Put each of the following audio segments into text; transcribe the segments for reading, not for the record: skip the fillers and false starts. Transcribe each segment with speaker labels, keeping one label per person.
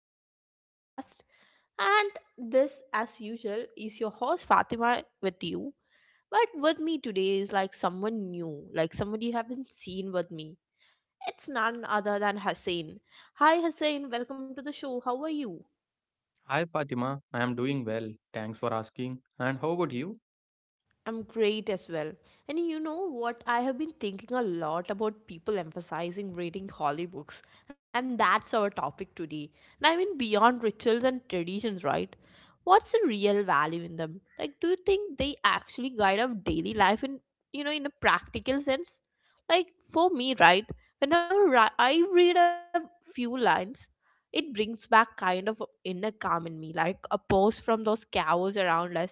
Speaker 1: episode of our podcast. And this, as usual, is your host Fatima with you. But with me today is like someone new, like somebody you haven't seen with me. It's none other than Hussein. Hi, Hussein, welcome to the show. How are you?
Speaker 2: Hi Fatima, I am doing well. Thanks for asking. And how about you?
Speaker 1: I'm great as well. And you know what? I have been thinking a lot about people emphasizing reading holy books, and that's our topic today. And I mean, beyond rituals and traditions, right? What's the real value in them? Like, do you think they actually guide our daily life in, in a practical sense? Like, for me, right? I read a few lines, it brings back kind of a inner calm in me, like a pause from those chaos around us.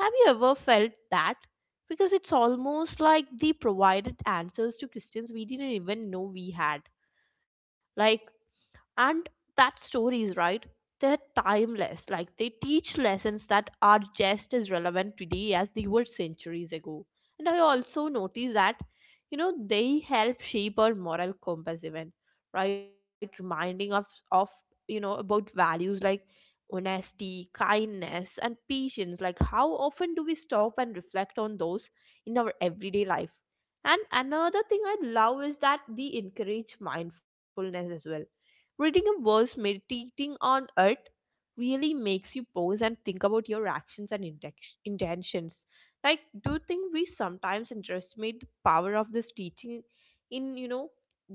Speaker 1: Have you ever felt that? Because it's almost like they provided answers to questions we didn't even know we had. Like, and that stories, right, they're timeless, like they teach lessons that are just as relevant today as they were centuries ago. And I also notice that, you know, they help shape our moral compass even, right, reminding us of, you know, about values like honesty, kindness and patience. Like how often do we stop and reflect on those in our everyday life? And another thing I love is that they encourage mindfulness as well. Reading a verse, meditating on it really makes you pause and think about your actions and intentions. Like, do you think we sometimes underestimate the power of this teaching in,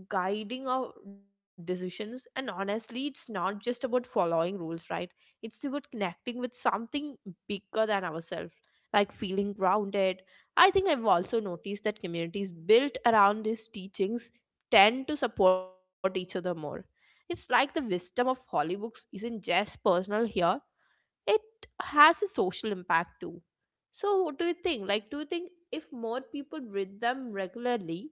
Speaker 1: guiding our decisions? And honestly, it's not just about following rules, right? It's about connecting with something bigger than ourselves, like feeling grounded. I think I've also noticed that communities built around these teachings tend to support each other more. It's like the wisdom of Hollywood isn't just personal here, it has a social impact too. So, what do you think? Like, do you think if more people read them regularly,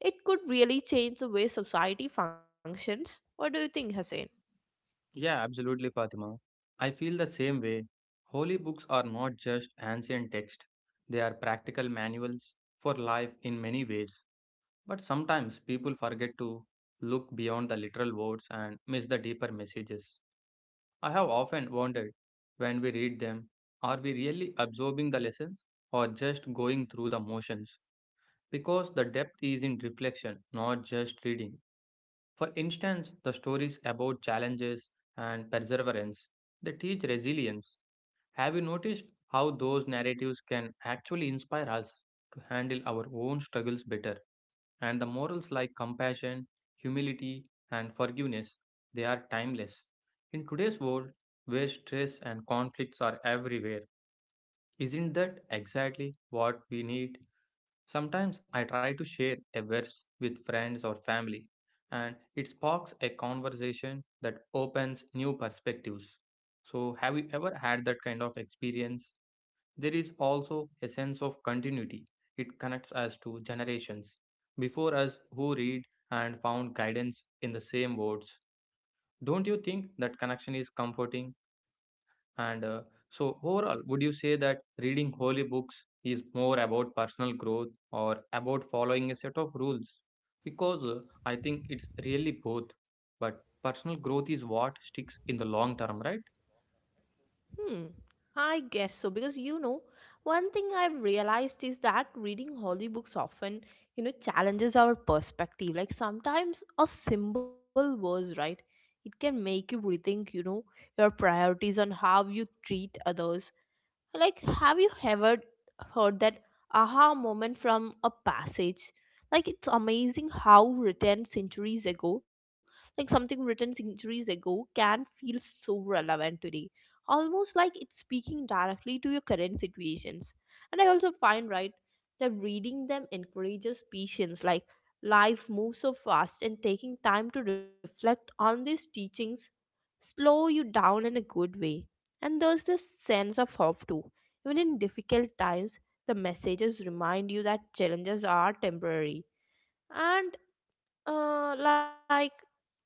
Speaker 1: it could really change the way society functions? What do you think, Hussein?
Speaker 2: Yeah, absolutely, Fatima. I feel the same way. Holy books are not just ancient texts, they are practical manuals for life in many ways. But sometimes people forget to look beyond the literal words and miss the deeper messages. I have often wondered when we read them, are we really absorbing the lessons or just going through the motions? Because the depth is in reflection, not just reading. For instance, the stories about challenges and perseverance, they teach resilience. Have you noticed how those narratives can actually inspire us to handle our own struggles better? And the morals like compassion, humility, and forgiveness, they are timeless. In today's world, where stress and conflicts are everywhere, isn't that exactly what we need? Sometimes I try to share a verse with friends or family, and it sparks a conversation that opens new perspectives. So, have you ever had that kind of experience? There is also a sense of continuity, it connects us to generations before us who read and found guidance in the same words. Don't you think that connection is comforting? And so, overall, would you say that reading holy books is more about personal growth or about following a set of rules? Because I think it's really both. But personal growth is what sticks in the long term, right?
Speaker 1: Hmm, I guess so, because you know, one thing I've realized is that reading holy books often, you know, challenges our perspective. Like sometimes a simple verse, right? It can make you rethink, you know, your priorities on how you treat others. Like, have you ever heard that aha moment from a passage? Like, it's amazing how written centuries ago, like something written centuries ago, can feel so relevant today. Almost like it's speaking directly to your current situations. And I also find, right, that reading them encourages patience. Like, life moves so fast, and taking time to reflect on these teachings slow you down in a good way. And there's this sense of hope too. Even in difficult times, the messages remind you that challenges are temporary. And, like,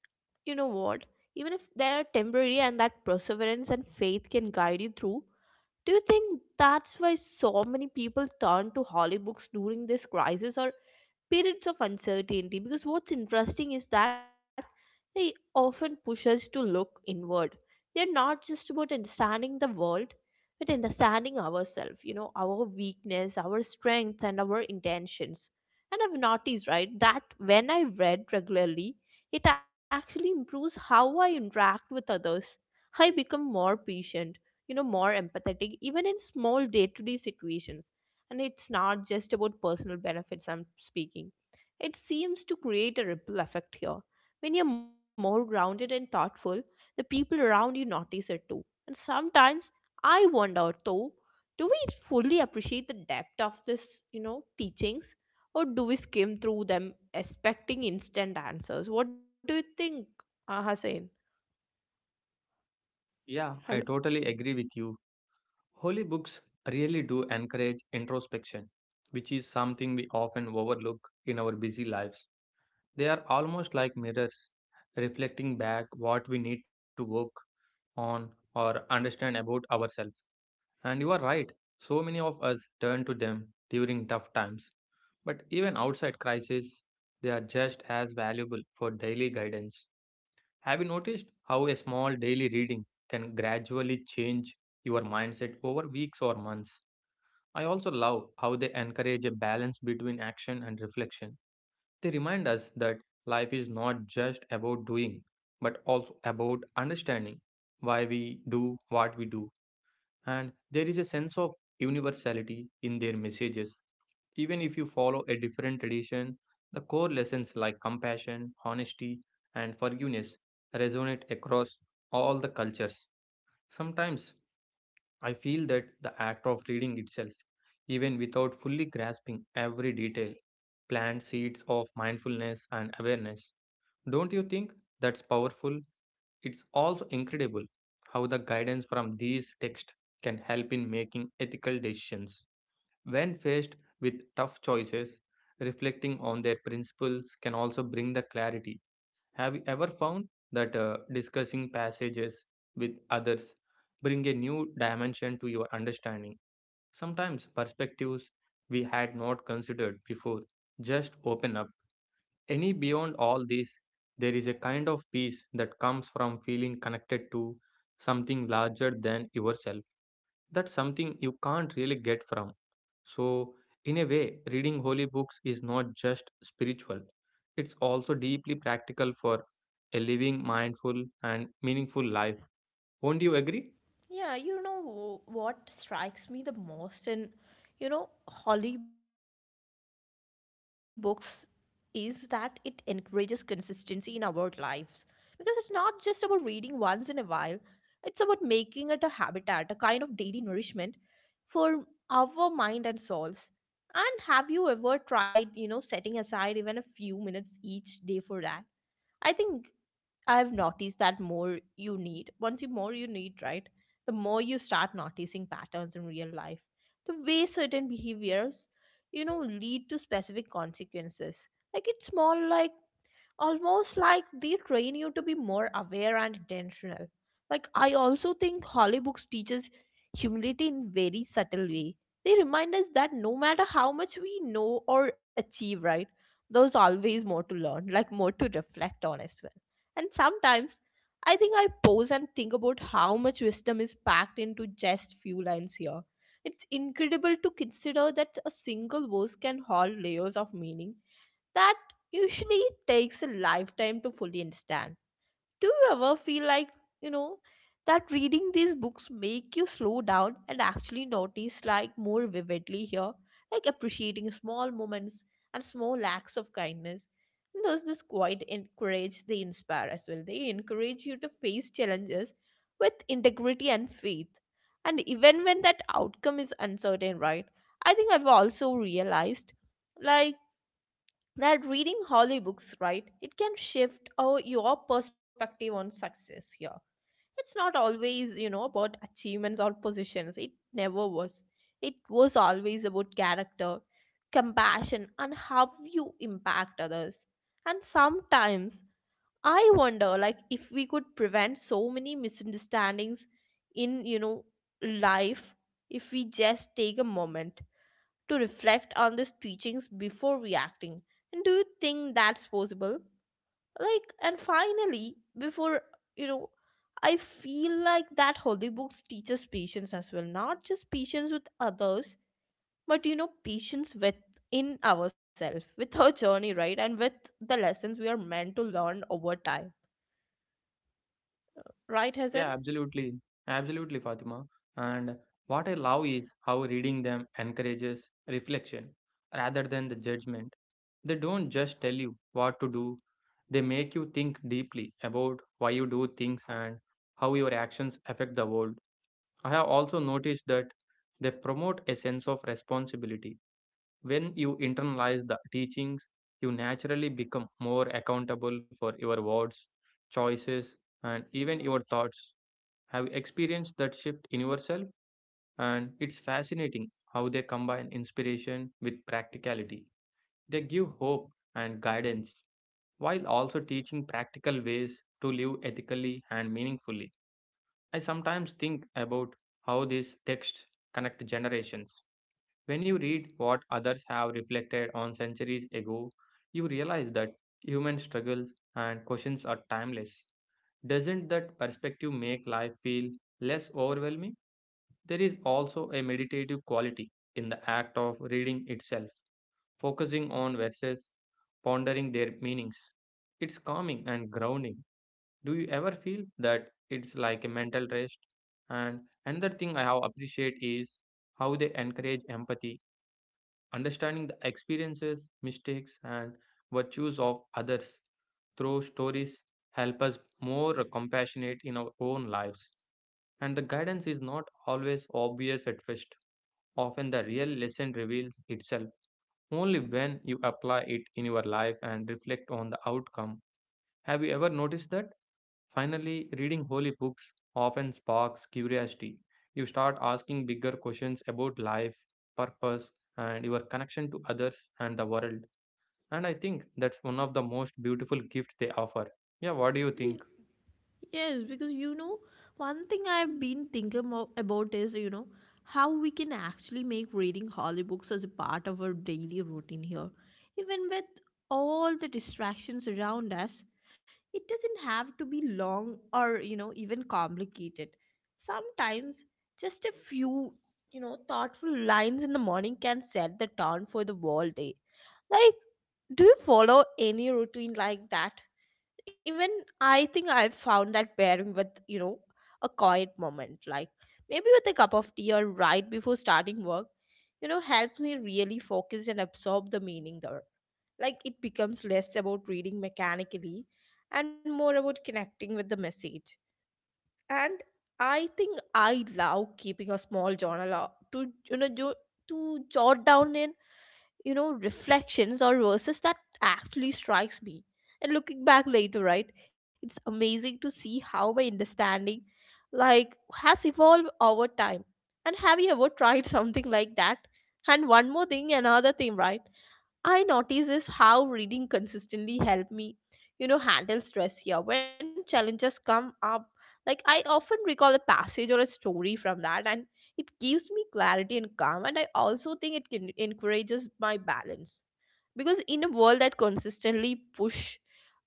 Speaker 1: you know what? Even if they're temporary, and that perseverance and faith can guide you through, do you think that's why so many people turn to holy books during this crisis or periods of uncertainty? Because what's interesting is that they often push us to look inward. They're not just about understanding the world but understanding ourselves, you know, our weakness, our strength and our intentions. And I've noticed, right, that when I read regularly, it actually improves how I interact with others. I become more patient, you know, more empathetic even in small day-to-day situations. And it's not just about personal benefits I'm speaking. It seems to create a ripple effect here. When you're more grounded and thoughtful, the people around you notice it too. And sometimes I wonder though, do we fully appreciate the depth of this, you know, teachings? Or do we skim through them expecting instant answers? What do you think, Hussein?
Speaker 2: Yeah,
Speaker 1: Hello.
Speaker 2: I totally agree with you. Holy books really do encourage introspection, which is something we often overlook in our busy lives. They are almost like mirrors, reflecting back what we need to work on or understand about ourselves. And you are right, so many of us turn to them during tough times. But even outside crisis, they are just as valuable for daily guidance. Have you noticed how a small daily reading can gradually change your mindset over weeks or months? I also love how they encourage a balance between action and reflection. They remind us that life is not just about doing, but also about understanding why we do what we do. And there is a sense of universality in their messages. Even if you follow a different tradition, the core lessons like compassion, honesty, and forgiveness resonate across all the cultures. Sometimes I feel that the act of reading itself, even without fully grasping every detail, plants seeds of mindfulness and awareness. Don't you think that's powerful? It's also incredible how the guidance from these texts can help in making ethical decisions. When faced with tough choices, reflecting on their principles can also bring the clarity. Have you ever found that discussing passages with others bring a new dimension to your understanding? Sometimes perspectives we had not considered before just open up. Any beyond all this, there is a kind of peace that comes from feeling connected to something larger than yourself, that's something you can't really get from. So in a way, reading holy books is not just spiritual, it's also deeply practical for a living mindful and meaningful life. Won't you agree?
Speaker 1: Yeah, you know, what strikes me the most in, you know, Holly books is that it encourages consistency in our lives, because it's not just about reading once in a while. It's about making it a habitat, a kind of daily nourishment for our mind and souls. And have you ever tried, you know, setting aside even a few minutes each day for that? I think I've noticed that more you need, once you more you need, right? The more you start noticing patterns in real life, the way certain behaviors, you know, lead to specific consequences. Like it's small, like almost like they train you to be more aware and intentional. Like I also think Holly Books teaches humility in very subtle way. They remind us that no matter how much we know or achieve, right, there's always more to learn, like more to reflect on as well. And sometimes I think I pause and think about how much wisdom is packed into just few lines here. It's incredible to consider that a single verse can hold layers of meaning that usually takes a lifetime to fully understand. Do you ever feel like, you know, that reading these books make you slow down and actually notice like more vividly here, like appreciating small moments and small acts of kindness? And there's this quite encourage they inspire as well. They encourage you to face challenges with integrity and faith. And even when that outcome is uncertain, right? I think I've also realized like that reading Holly books, right, it can shift our, your perspective on success here. It's not always, you know, about achievements or positions. It never was. It was always about character, compassion, and how you impact others. And sometimes I wonder, like, if we could prevent so many misunderstandings in, life, if we just take a moment to reflect on these teachings before reacting. And do you think that's possible? Like, and finally, before you know, I feel like that holy books teaches patience as well, not just patience with others, but you know, patience within ourselves, with our journey, right? And with the lessons we are meant to learn over time. Right,
Speaker 2: Yeah,
Speaker 1: Hasan?
Speaker 2: absolutely, absolutely, Fatima. And what I love is how reading them encourages reflection rather than the judgment. They don't just tell you what to do, they make you think deeply about why you do things and how your actions affect the world. I have also noticed that they promote a sense of responsibility. When you internalize the teachings, you naturally become more accountable for your words, choices, and even your thoughts. Have you experienced that shift in yourself? And it's fascinating how they combine inspiration with practicality. They give hope and guidance while also teaching practical ways to live ethically and meaningfully. I sometimes think about how these texts connect generations. When you read what others have reflected on centuries ago, you realize that human struggles and questions are timeless. Doesn't that perspective make life feel less overwhelming? There is also a meditative quality in the act of reading itself, focusing on verses, pondering their meanings. It's calming and grounding. Do you ever feel that it's like a mental rest? And another thing I have appreciate is how they encourage empathy, understanding the experiences, mistakes, and virtues of others through stories help us more compassionate in our own lives. And the guidance is not always obvious at first. Often the real lesson reveals itself only when you apply it in your life and reflect on the outcome. Have you ever noticed that? Finally, reading holy books often sparks curiosity. You start asking bigger questions about life, purpose, and your connection to others and the world. And I think that's one of the most beautiful gifts they offer. Yeah, what do you think?
Speaker 1: Yes, because you know, one thing I've been thinking about is, you know, how we can actually make reading holy books as a part of our daily routine here. Even with all the distractions around us, it doesn't have to be long or, you know, even complicated. Sometimes just a few, you know, thoughtful lines in the morning can set the tone for the whole day. Like, do you follow any routine like that? Even I think I've found that pairing with, you know, a quiet moment, like maybe with a cup of tea or right before starting work, you know, helps me really focus and absorb the meaning there. Like it becomes less about reading mechanically and more about connecting with the message. And I think I love keeping a small journal to, you know, to jot down in, you know, reflections or verses that actually strikes me. And looking back later, right, it's amazing to see how my understanding, like, has evolved over time. And have you ever tried something like that? And one more thing, another thing, right, I notice is how reading consistently helped me, you know, handle stress here. When challenges come up, like I often recall a passage or a story from that, and it gives me clarity and calm. And I also think it can encourages my balance, because in a world that consistently push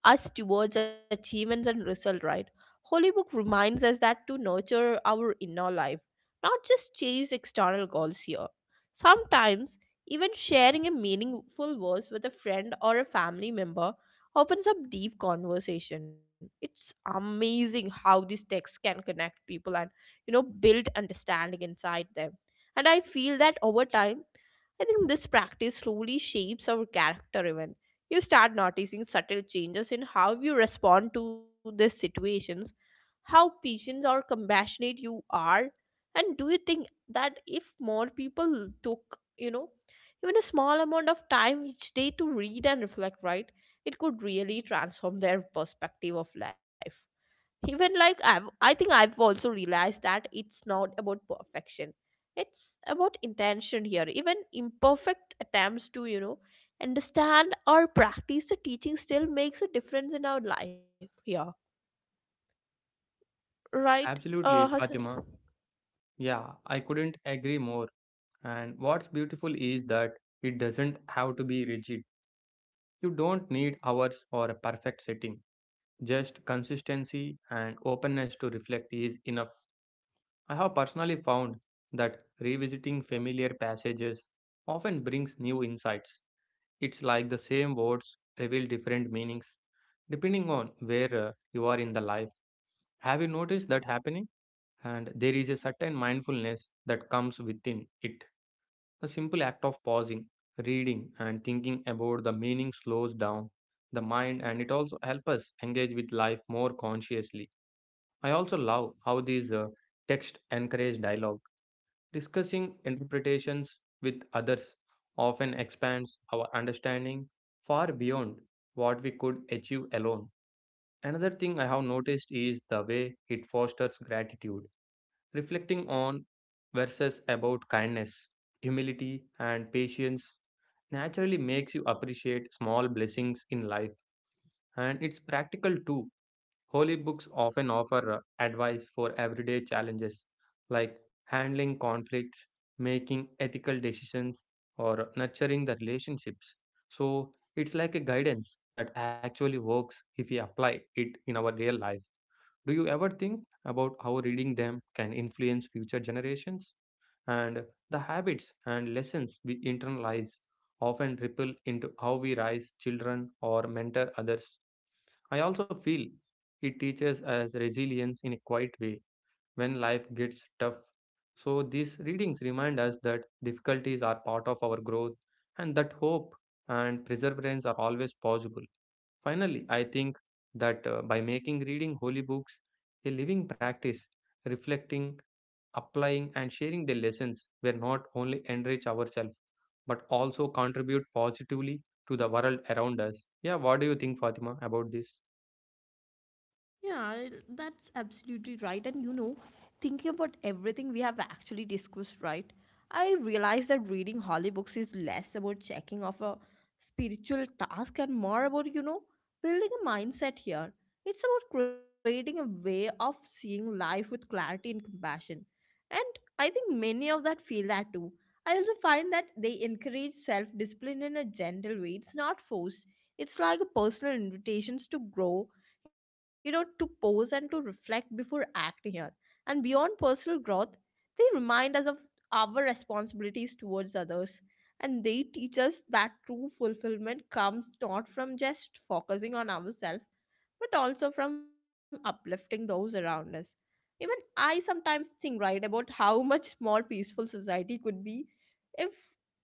Speaker 1: us towards achievements and result, right, holy book reminds us that to nurture our inner life, not just chase external goals here. Sometimes even sharing a meaningful verse with a friend or a family member opens up deep conversation. It's amazing how these texts can connect people and, you know, build understanding inside them. And I feel that over time, I think this practice slowly shapes our character even. You start noticing subtle changes in how you respond to these situations, how patient or compassionate you are, and do you think that if more people took, you know, even a small amount of time each day to read and reflect, right, it could really transform their perspective of life? Even like I think I've also realized that it's not about perfection, it's about intention here. Even imperfect attempts to, you know, understand or practice the teaching still makes a difference in our life here, right?
Speaker 2: Absolutely,
Speaker 1: Hassan?
Speaker 2: Fatima. Yeah, I couldn't agree more. And what's beautiful is that it doesn't have to be rigid. You don't need hours or a perfect setting. Just consistency and openness to reflect is enough. I have personally found that revisiting familiar passages often brings new insights. It's like the same words reveal different meanings depending on where you are in the life. Have you noticed that happening? And there is a certain mindfulness that comes within it. The simple act of pausing, reading, and thinking about the meaning slows down the mind and it also helps us engage with life more consciously. I also love how these texts encourage dialogue. Discussing interpretations with others often expands our understanding far beyond what we could achieve alone. Another thing I have noticed is the way it fosters gratitude. Reflecting on verses about kindness, humility, and patience naturally makes you appreciate small blessings in life, and it's practical too. Holy books often offer advice for everyday challenges like handling conflicts, making ethical decisions, or nurturing the relationships. So it's like a guidance that actually works if we apply it in our real life. Do you ever think about how reading them can influence future generations? And the habits and lessons we internalize often ripple into how we raise children or mentor others. I also feel it teaches us resilience in a quiet way when life gets tough. So, these readings remind us that difficulties are part of our growth and that hope and perseverance are always possible. Finally, I think that by making reading holy books a living practice, reflecting, applying, and sharing the lessons, we not only enrich ourselves but also contribute positively to the world around us. Yeah, what do you think, Fatima, about this?
Speaker 1: Yeah, that's absolutely right. And you know, thinking about everything we have actually discussed, right? I realize that reading holy books is less about checking off a spiritual task and more about, you know, building a mindset here. It's about creating a way of seeing life with clarity and compassion. And I think many of that feel that too. I also find that they encourage self discipline in a gentle way. It's not forced, it's like a personal invitation to grow, you know, to pause and to reflect before acting here. And beyond personal growth, they remind us of our responsibilities towards others. And they teach us that true fulfillment comes not from just focusing on ourselves, but also from uplifting those around us. Even I sometimes think, right, about how much more peaceful society could be if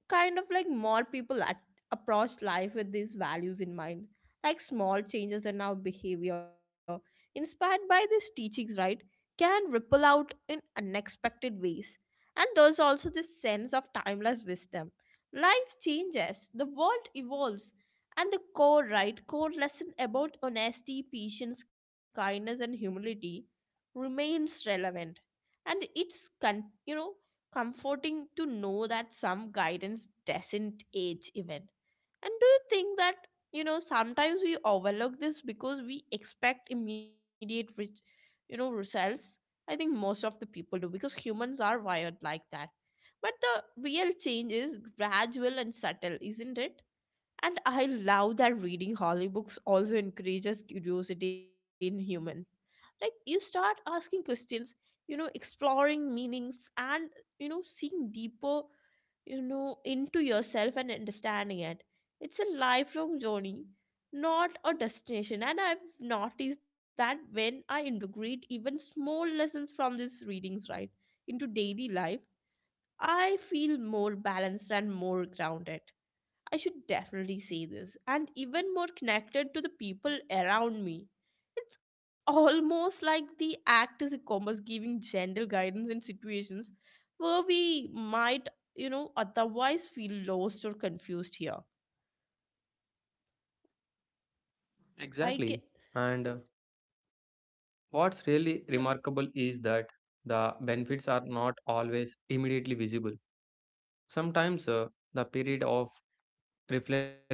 Speaker 1: kind of like more people at- approach life with these values in mind, like small changes in our behavior, inspired by these teachings, right, can ripple out in unexpected ways. And there's also this sense of timeless wisdom. Life changes, the world evolves, and the core, right, core lesson about honesty, patience, kindness, and humility remains relevant, and it's you know comforting to know that some guidance doesn't age even. And do you think that sometimes we overlook this because we expect immediate rich you know results? I think most of the people do because humans are wired like that, but the real change is gradual and subtle, isn't it? And I love that reading holy books also encourages curiosity in human. Like, you start asking questions, exploring meanings, and seeing deeper, into yourself and understanding it. It's a lifelong journey, not a destination. And I've noticed that when I integrate even small lessons from these readings, right, into daily life, I feel more balanced and more grounded. I should definitely say this, and even more connected to the people around me. It's almost like the act is a compass giving gentle guidance in situations where we might, otherwise feel lost or confused here. I
Speaker 2: Exactly.
Speaker 1: get,
Speaker 2: And what's
Speaker 1: no,
Speaker 2: really remarkable is that the benefits are not always immediately visible. Sometimes the period of reflection.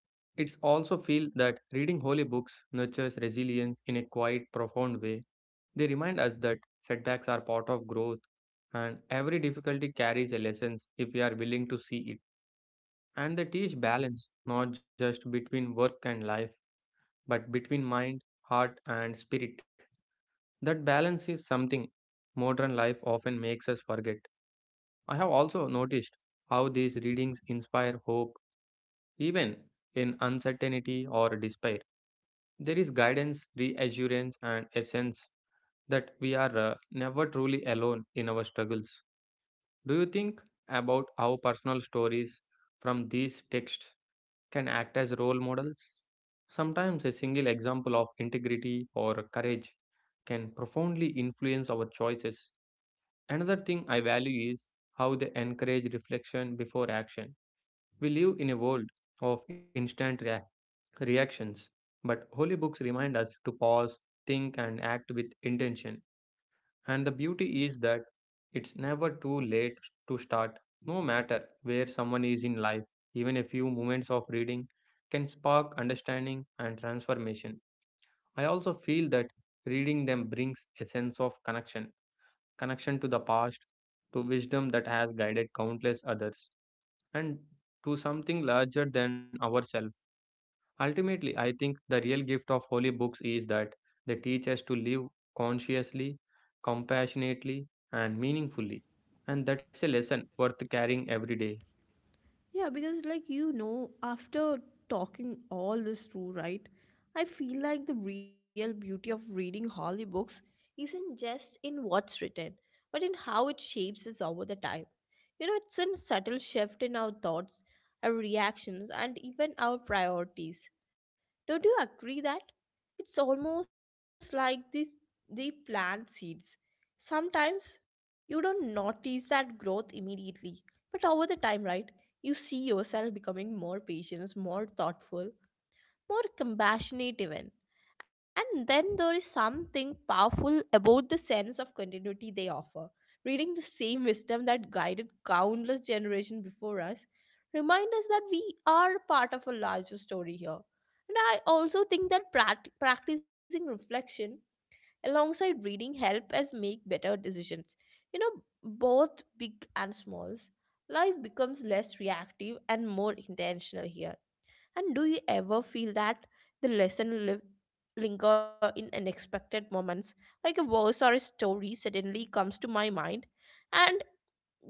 Speaker 2: It's also feel that reading holy books nurtures resilience in a quite profound way. They remind us that setbacks are part of growth and every difficulty carries a lesson if we are willing to see it. And they teach balance not just between work and life, but between mind, heart and spirit. That balance is something modern life often makes us forget. I have also noticed how these readings inspire hope, even in uncertainty or despair. There is guidance, reassurance, and a sense that we are never truly alone in our struggles. Do you think about how personal stories from these texts can act as role models? Sometimes a single example of integrity or courage can profoundly influence our choices. Another thing I value is how they encourage reflection before action. We live in a world of instant reactions, but holy books remind us to pause, think, and act with intention. And the beauty is that it's never too late to start, no matter where someone is in life. Even a few moments of reading can spark understanding and transformation. I also feel that reading them brings a sense of connection, connection to the past, to wisdom that has guided countless others, and to something larger than ourselves. Ultimately, I think the real gift of holy books is that they teach us to live consciously, compassionately, and meaningfully. And that's a lesson worth carrying every day.
Speaker 1: yeah, because after talking all this through, right, I feel like the real beauty of reading Holly books isn't just in what's written, but in how it shapes us over the time. You know, it's a subtle shift in our thoughts, our reactions, and even our priorities. Don't you agree that? It's almost like these they plant seeds. Sometimes you don't notice that growth immediately, but over the time, right? You see yourself becoming more patient, more thoughtful, more compassionate even. And then there is something powerful about the sense of continuity they offer. Reading the same wisdom that guided countless generations before us remind us that we are part of a larger story here. And I also think that practicing reflection alongside reading help us make better decisions. You know, both big and smalls. Life becomes less reactive and more intentional here. And do you ever feel that the linger in unexpected moments, like a verse or a story suddenly comes to my mind and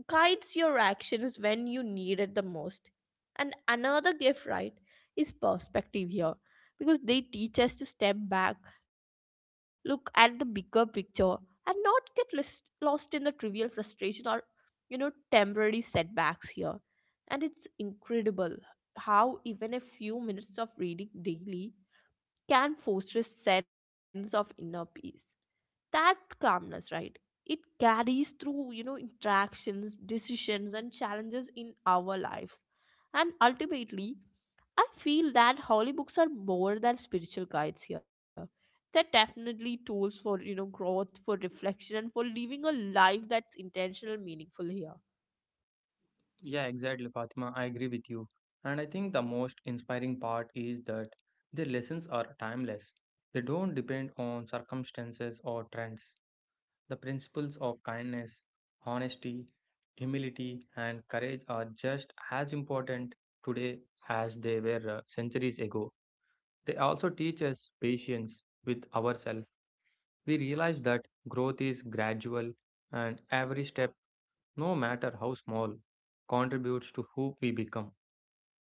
Speaker 1: guides your actions when you need it the most? And another gift, right, is perspective here, because they teach us to step back, look at the bigger picture, and not get lost in the trivial frustration or temporary setbacks here. And it's incredible how even a few minutes of reading daily can foster a sense of inner peace. That calmness, right? It carries through, interactions, decisions, and challenges in our lives. And ultimately, I feel that holy books are more than spiritual guides here. They're definitely tools for, growth, for reflection, and for living a life that's intentional, meaningful here.
Speaker 2: Yeah, exactly, Fatima. I agree with you. And I think the most inspiring part is that their lessons are timeless. They don't depend on circumstances or trends. The principles of kindness, honesty, humility, and courage are just as important today as they were centuries ago. They also teach us patience with ourselves. We realize that growth is gradual and every step, no matter how small, contributes to who we become.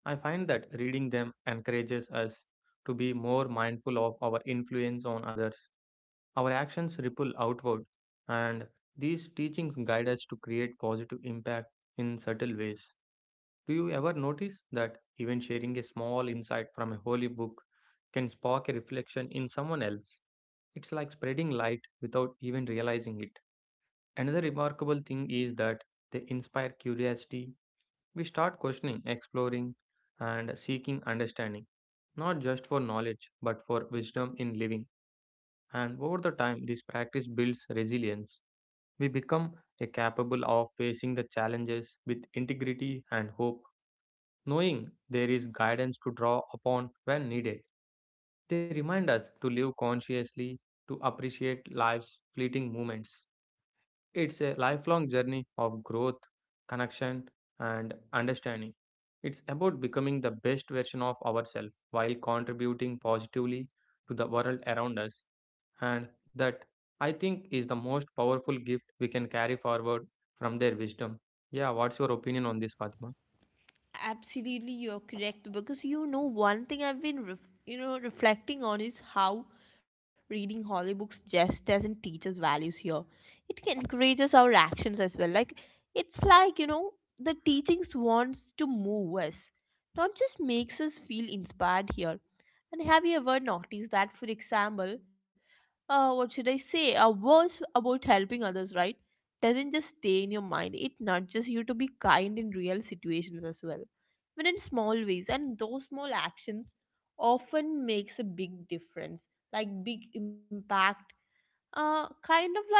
Speaker 2: I find that reading them encourages us to be more mindful of our influence on others. Our actions ripple outward, and these teachings guide us to create positive impact in subtle ways. Do you ever notice that even sharing a small insight from a holy book can spark a reflection in someone else? It's like spreading light without even realizing it. Another remarkable thing is that they inspire curiosity. We start questioning, exploring, and seeking understanding, not just for knowledge, but for wisdom in living. And over the time, this practice builds resilience. We become a capable of facing the challenges with integrity and hope, knowing there is guidance to draw upon when needed. They remind us to live consciously, to appreciate life's fleeting moments. It's a lifelong journey of growth, connection, and understanding. It's about becoming the best version of ourselves while contributing positively to the world around us. And that, I think, is the most powerful gift we can carry forward from their wisdom. Yeah, what's your opinion on this, Fatima?
Speaker 1: Absolutely, you're correct, because one thing I've been reflecting on is how reading holy books just doesn't teach us values here. It can encourages our actions as well. Like, it's like you know the teachings wants to move us, not just makes us feel inspired here. And have you ever noticed that, for example, what should I say? A verse about helping others, right, doesn't just stay in your mind, it nudges you to be kind in real situations as well. But in small ways, and those small actions often makes a big difference, like big impact, uh, kind of like,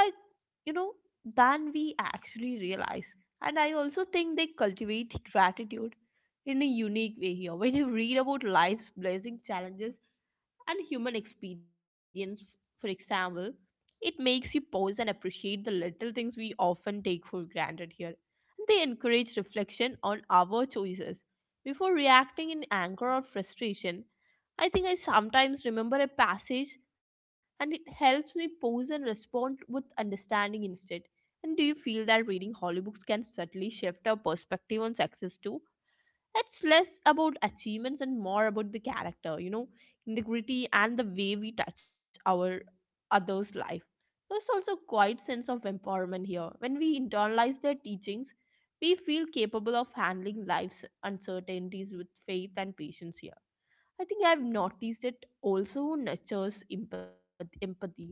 Speaker 1: you know, than we actually realize. And I also think they cultivate gratitude in a unique way here. When you read about life's blessing challenges, and human experience. For example, it makes you pause and appreciate the little things we often take for granted here. They encourage reflection on our choices. Before reacting in anger or frustration, I think I sometimes remember a passage, and it helps me pause and respond with understanding instead. And do you feel that reading holy books can subtly shift our perspective on success too? It's less about achievements and more about the character, integrity, and the way we touch our others life. There's also quite sense of empowerment here. When we internalize their teachings, we feel capable of handling life's uncertainties with faith and patience here. I think I've noticed it also nurtures empathy.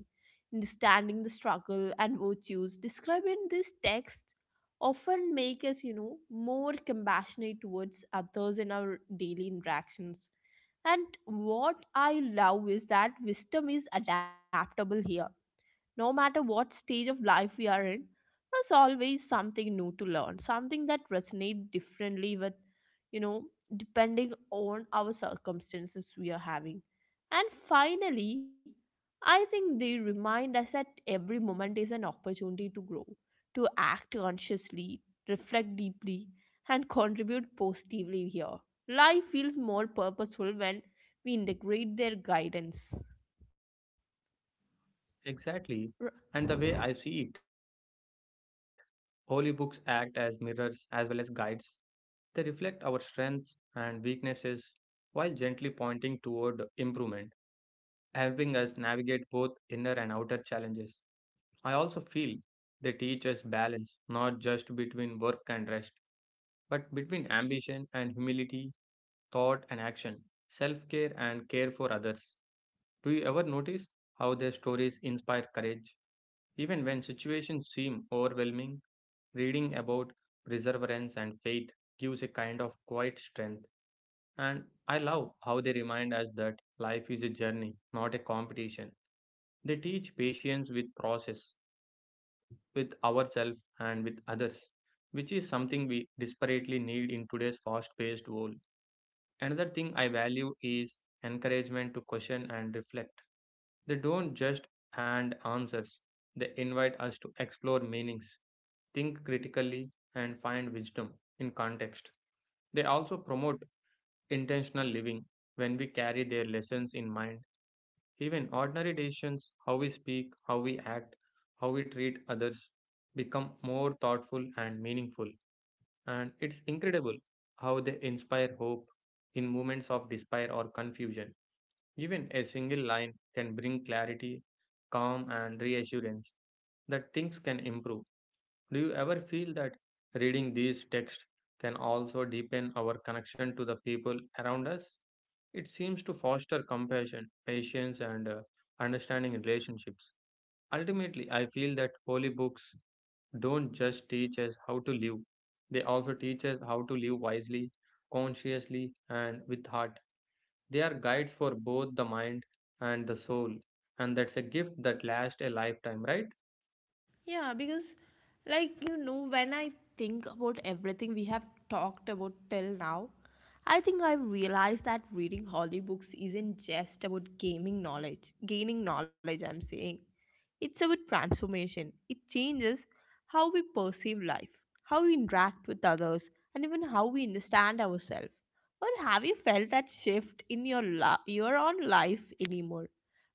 Speaker 1: Understanding the struggle and virtues described in this text often make us, more compassionate towards others in our daily interactions. And what I love is that wisdom is adaptable here. No matter what stage of life we are in, there's always something new to learn, something that resonates differently with, you know, depending on our circumstances we are having. And finally, I think they remind us that every moment is an opportunity to grow, to act consciously, reflect deeply, and contribute positively here. Life feels more purposeful when we integrate their guidance.
Speaker 2: Exactly. And the way I see it, holy books act as mirrors as well as guides. They reflect our strengths and weaknesses while gently pointing toward improvement, helping us navigate both inner and outer challenges. I also feel they teach us balance, not just between work and rest, but between ambition and humility, thought and action, self care and care for others. Do you ever notice how their stories inspire courage? Even when situations seem overwhelming, reading about perseverance and faith gives a kind of quiet strength. And I love how they remind us that life is a journey, not a competition. They teach patience with process, with ourselves and with others, which is something we desperately need in today's fast paced world. Another thing I value is encouragement to question and reflect. They don't just hand answers, they invite us to explore meanings, think critically, and find wisdom in context. They also promote intentional living when we carry their lessons in mind. Even ordinary decisions, how we speak, how we act, how we treat others, become more thoughtful and meaningful. And it's incredible how they inspire hope in moments of despair or confusion. Even a single line can bring clarity, calm, and reassurance that things can improve. Do you ever feel that reading these texts can also deepen our connection to the people around us? It seems to foster compassion, patience, and understanding relationships. Ultimately, I feel that holy books don't just teach us how to live, they also teach us how to live wisely, consciously, and with heart. They are guides for both the mind and the soul, and that's a gift that lasts a lifetime, right?
Speaker 1: Yeah, because when I think about everything we have talked about till now, I think I've realized that reading holy books isn't just about gaining knowledge, I'm saying. It's about transformation. It changes how we perceive life, how we interact with others, and even how we understand ourselves. Or have you felt that shift in your own life anymore?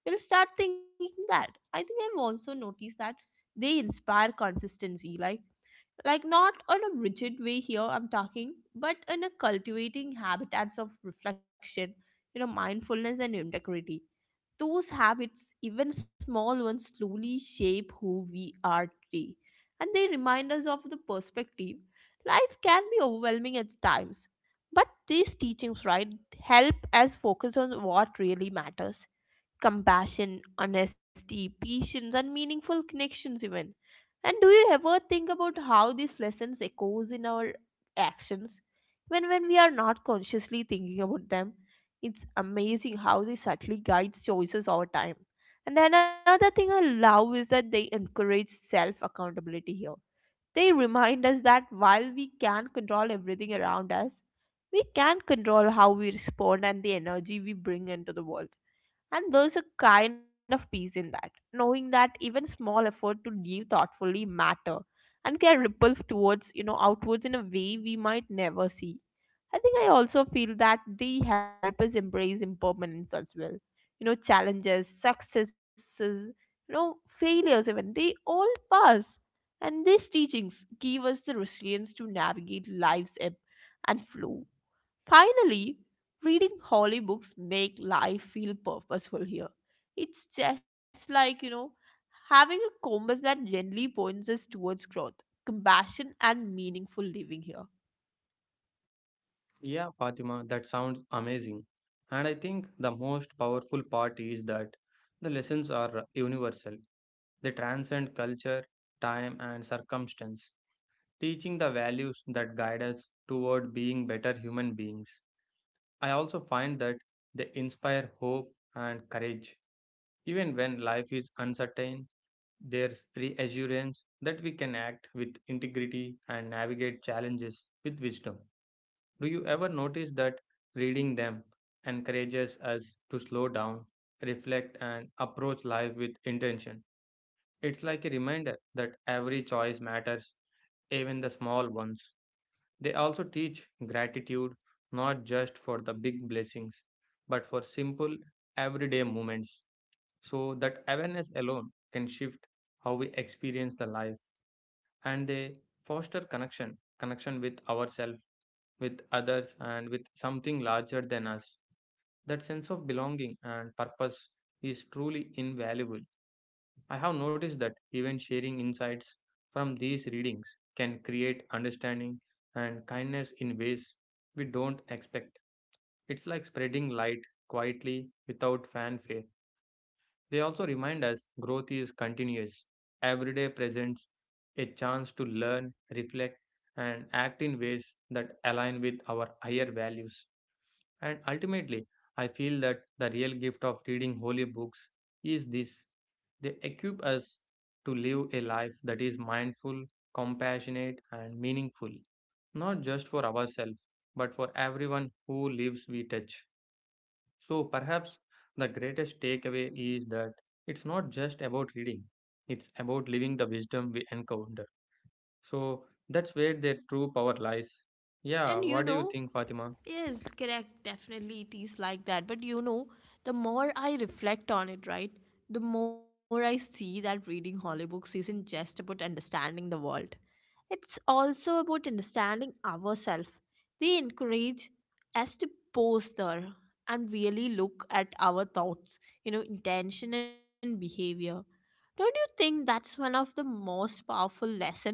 Speaker 1: We'll start thinking that. I think I've also noticed that they inspire consistency, like not on a rigid way here I'm talking, but in a cultivating habitats of reflection, mindfulness, and integrity. Those habits, even small ones, slowly shape who we are today. And they remind us of the perspective. Life can be overwhelming at times, but these teachings, right, help us focus on what really matters: compassion, honesty, patience, and meaningful connections even. And do you ever think about how these lessons echoes in our actions when we are not consciously thinking about them? It's amazing how they subtly guide choices over time. And another thing I love is that they encourage self accountability here. They remind us that while we can't control everything around us, we can control how we respond and the energy we bring into the world. And there's a kind of peace in that, knowing that even small effort to live thoughtfully matter and can ripple towards, outwards in a way we might never see. I think I also feel that they help us embrace impermanence as well. You know, challenges, successes, failures even, they all pass. And these teachings give us the resilience to navigate life's ebb and flow. Finally, reading holy books make life feel purposeful here. It's just like, having a compass that gently points us towards growth, compassion, and meaningful living here.
Speaker 2: Yeah, Fatima, that sounds amazing. And I think the most powerful part is that the lessons are universal. They transcend culture, time, and circumstance, teaching the values that guide us toward being better human beings. I also find that they inspire hope and courage. Even when life is uncertain, there's reassurance that we can act with integrity and navigate challenges with wisdom. Do you ever notice that reading them encourages us to slow down, reflect, and approach life with intention? It's like a reminder that every choice matters, even the small ones. They also teach gratitude, not just for the big blessings, but for simple, everyday moments. So that awareness alone can shift how we experience the life, and they foster connection, connection with ourselves, with others, and with something larger than us. That sense of belonging and purpose is truly invaluable. I have noticed that even sharing insights from these readings can create understanding and kindness in ways we don't expect. It's like spreading light quietly without fanfare. They also remind us growth is continuous. Every day presents a chance to learn, reflect, and act in ways that align with our higher values. And ultimately, I feel that the real gift of reading holy books is this: they equip us to live a life that is mindful, compassionate, and meaningful, not just for ourselves, but for everyone who lives we touch. So perhaps the greatest takeaway is that it's not just about reading, it's about living the wisdom we encounter. So that's where their true power lies.
Speaker 1: And
Speaker 2: Yeah,
Speaker 1: you
Speaker 2: what do
Speaker 1: know,
Speaker 2: you think, Fatima?
Speaker 1: Yes, correct. Definitely, it is like that. But the more I reflect on it, right, the more I see that reading holy books isn't just about understanding the world. It's also about understanding ourselves. They encourage us to pause there and really look at our thoughts, intention, and behavior. Don't you think that's one of the most powerful lessons?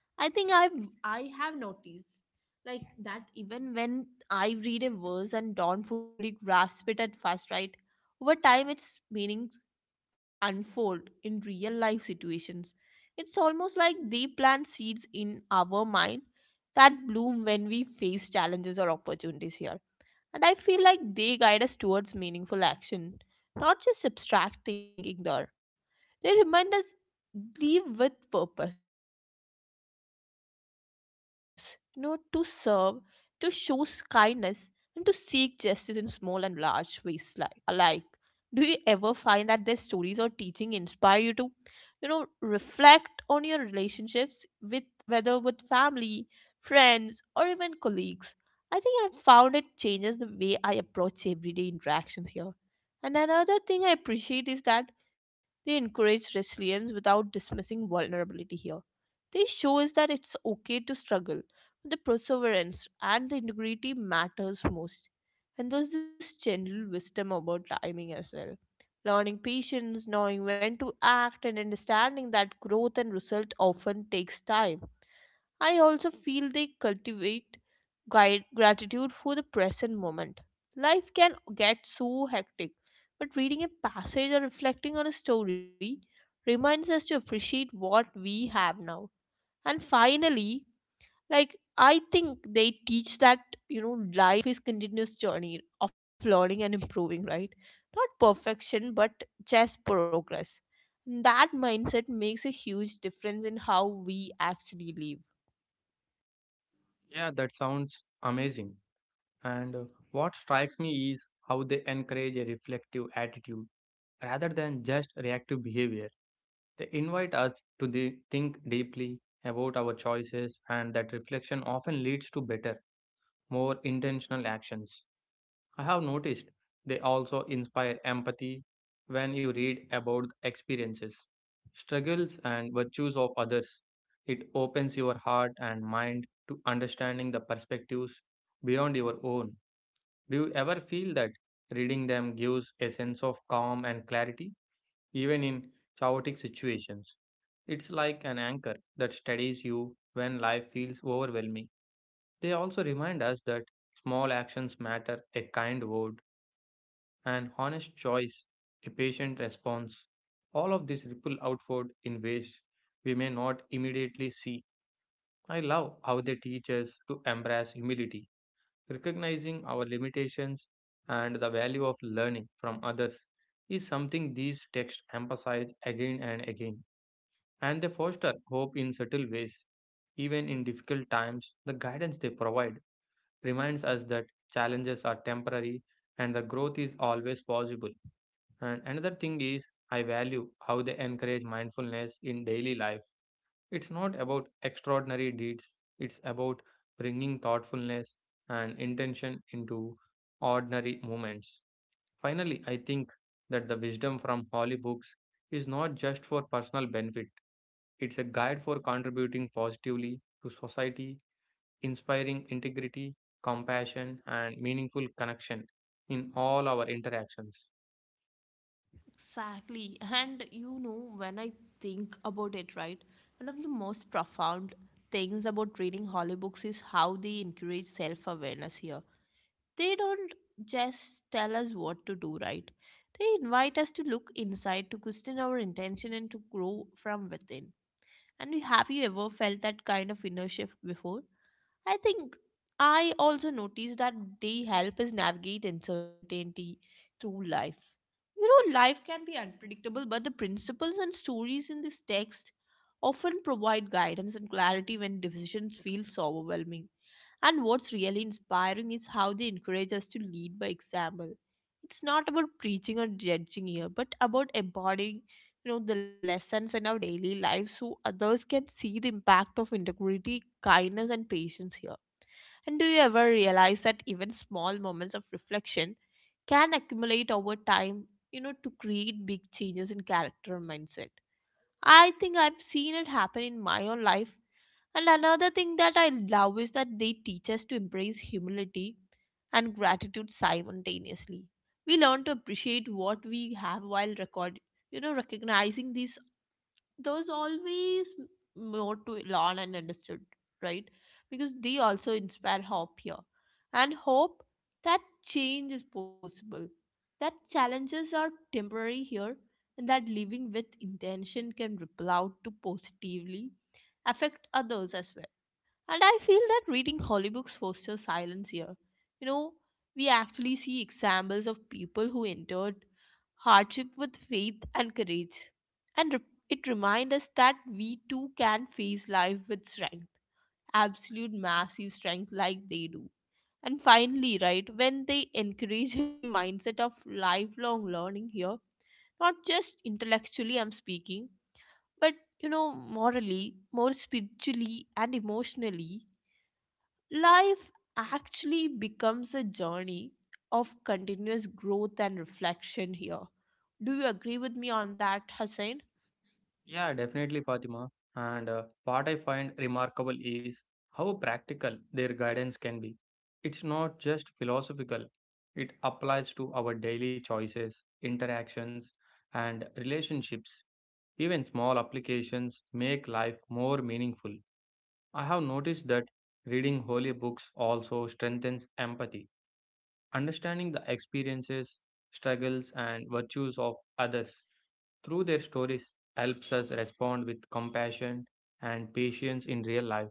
Speaker 1: I think I've I have noticed like that even when I read a verse and don't fully grasp it at first, right? Over time, its meaning unfold in real life situations. It's almost like they plant seeds in our mind that bloom when we face challenges or opportunities here. And I feel like they guide us towards meaningful action, not just abstract thinking there. They remind us live with purpose, to serve, to show kindness, and to seek justice in small and large ways like alike. Do you ever find that their stories or teaching inspire you to, reflect on your relationships with, whether with family, friends, or even colleagues? I think I've found it changes the way I approach everyday interactions here. And another thing I appreciate is that they encourage resilience without dismissing vulnerability here. This shows that it's okay to struggle. The perseverance and the integrity matters most. And there's this general wisdom about timing as well. Learning patience, knowing when to act, and understanding that growth and result often takes time. I also feel they cultivate gratitude for the present moment. Life can get so hectic, but reading a passage or reflecting on a story reminds us to appreciate what we have now. And finally, I think they teach that, you know life is continuous journey of learning and improving, right? Not perfection, but just progress. And that mindset makes a huge difference in how we actually live.
Speaker 2: Yeah, that sounds amazing. And what strikes me is how they encourage a reflective attitude rather than just reactive behavior. They invite us to think deeply about our choices, and that reflection often leads to better, more intentional actions. I have noticed they also inspire empathy when you read about the experiences, struggles, and virtues of others. It opens your heart and mind to understanding the perspectives beyond your own. Do you ever feel that reading them gives a sense of calm and clarity, even in chaotic situations? It's like an anchor that steadies you when life feels overwhelming. They also remind us that small actions matter: a kind word, an honest choice, a patient response. All of these ripple outward in ways we may not immediately see. I love how they teach us to embrace humility. Recognizing our limitations and the value of learning from others is something these texts emphasize again and again, and they foster hope in subtle ways. Even in difficult times, the guidance they provide reminds us that challenges are temporary and the growth is always possible. And another thing is, I value how they encourage mindfulness in daily life. It's not about extraordinary deeds, it's about bringing thoughtfulness and intention into ordinary moments. Finally, I think that the wisdom from holy books is not just for personal benefit, it's a guide for contributing positively to society, inspiring integrity, compassion, and meaningful connection in all our interactions.
Speaker 1: Exactly. And you know, when I think about it, right, one of the most profound things about reading holy books is how they encourage self awareness here. They don't just tell us what to do, right? They invite us to look inside, to question our intention, and to grow from within. And have you ever felt that kind of inner shift before? I think I also noticed that they help us navigate uncertainty through life. You know, life can be unpredictable, but the principles and stories in this text often provide guidance and clarity when decisions feel so overwhelming. And what's really inspiring is how they encourage us to lead by example. It's not about preaching or judging here, but about embodying, you know, the lessons in our daily lives so others can see the impact of integrity, kindness and patience here. And do you ever realize that even small moments of reflection can accumulate over time, you know, to create big changes in character and mindset? I think I've seen it happen in my own life. And another thing that I love is that they teach us to embrace humility and gratitude simultaneously. We learn to appreciate what we have while record, you know, recognizing these. There's always more to learn and understood, right? Because they also inspire hope here, and hope that change is possible, that challenges are temporary here, and that living with intention can ripple out to positively affect others as well. And I feel that reading holy books fosters silence here. You know, we actually see examples of people who endured hardship with faith and courage. And it reminds us that we too can face life with strength, absolute massive strength like they do. And finally, right, when they encourage a mindset of lifelong learning here, not just intellectually, I'm speaking, but you know, morally, more spiritually, and emotionally, life actually becomes a journey of continuous growth and reflection here. Do you agree with me on that, Hussein?
Speaker 2: Yeah, definitely, Fatima. And what I find remarkable is how practical their guidance can be. It's not just philosophical, it applies to our daily choices, interactions, and relationships. Even small applications make life more meaningful. I have noticed that reading holy books also strengthens empathy. Understanding the experiences, struggles, and virtues of others through their stories helps us respond with compassion and patience in real life.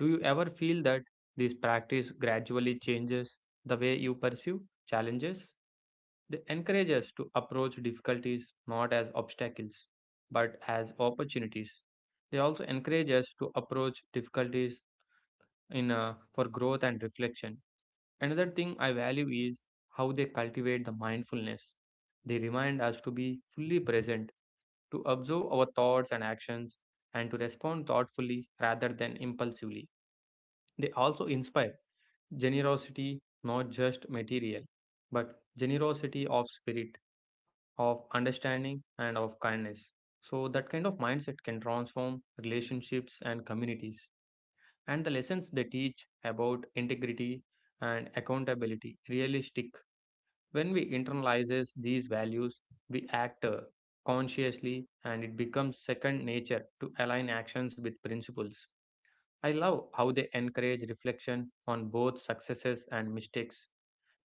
Speaker 2: Do you ever feel that this practice gradually changes the way you pursue challenges? They encourage us to approach difficulties not as obstacles but as opportunities. They also encourage us to approach difficulties in for growth and reflection. Another thing I value is how they cultivate the mindfulness. They remind us to be fully present, to observe our thoughts and actions, and to respond thoughtfully rather than impulsively. They also inspire generosity, not just material, but generosity of spirit, of understanding, and of kindness. So, that kind of mindset can transform relationships and communities, and the lessons they teach about integrity and accountability really stick. When we internalize these values, we act consciously, and it becomes second nature to align actions with principles. I love how they encourage reflection on both successes and mistakes.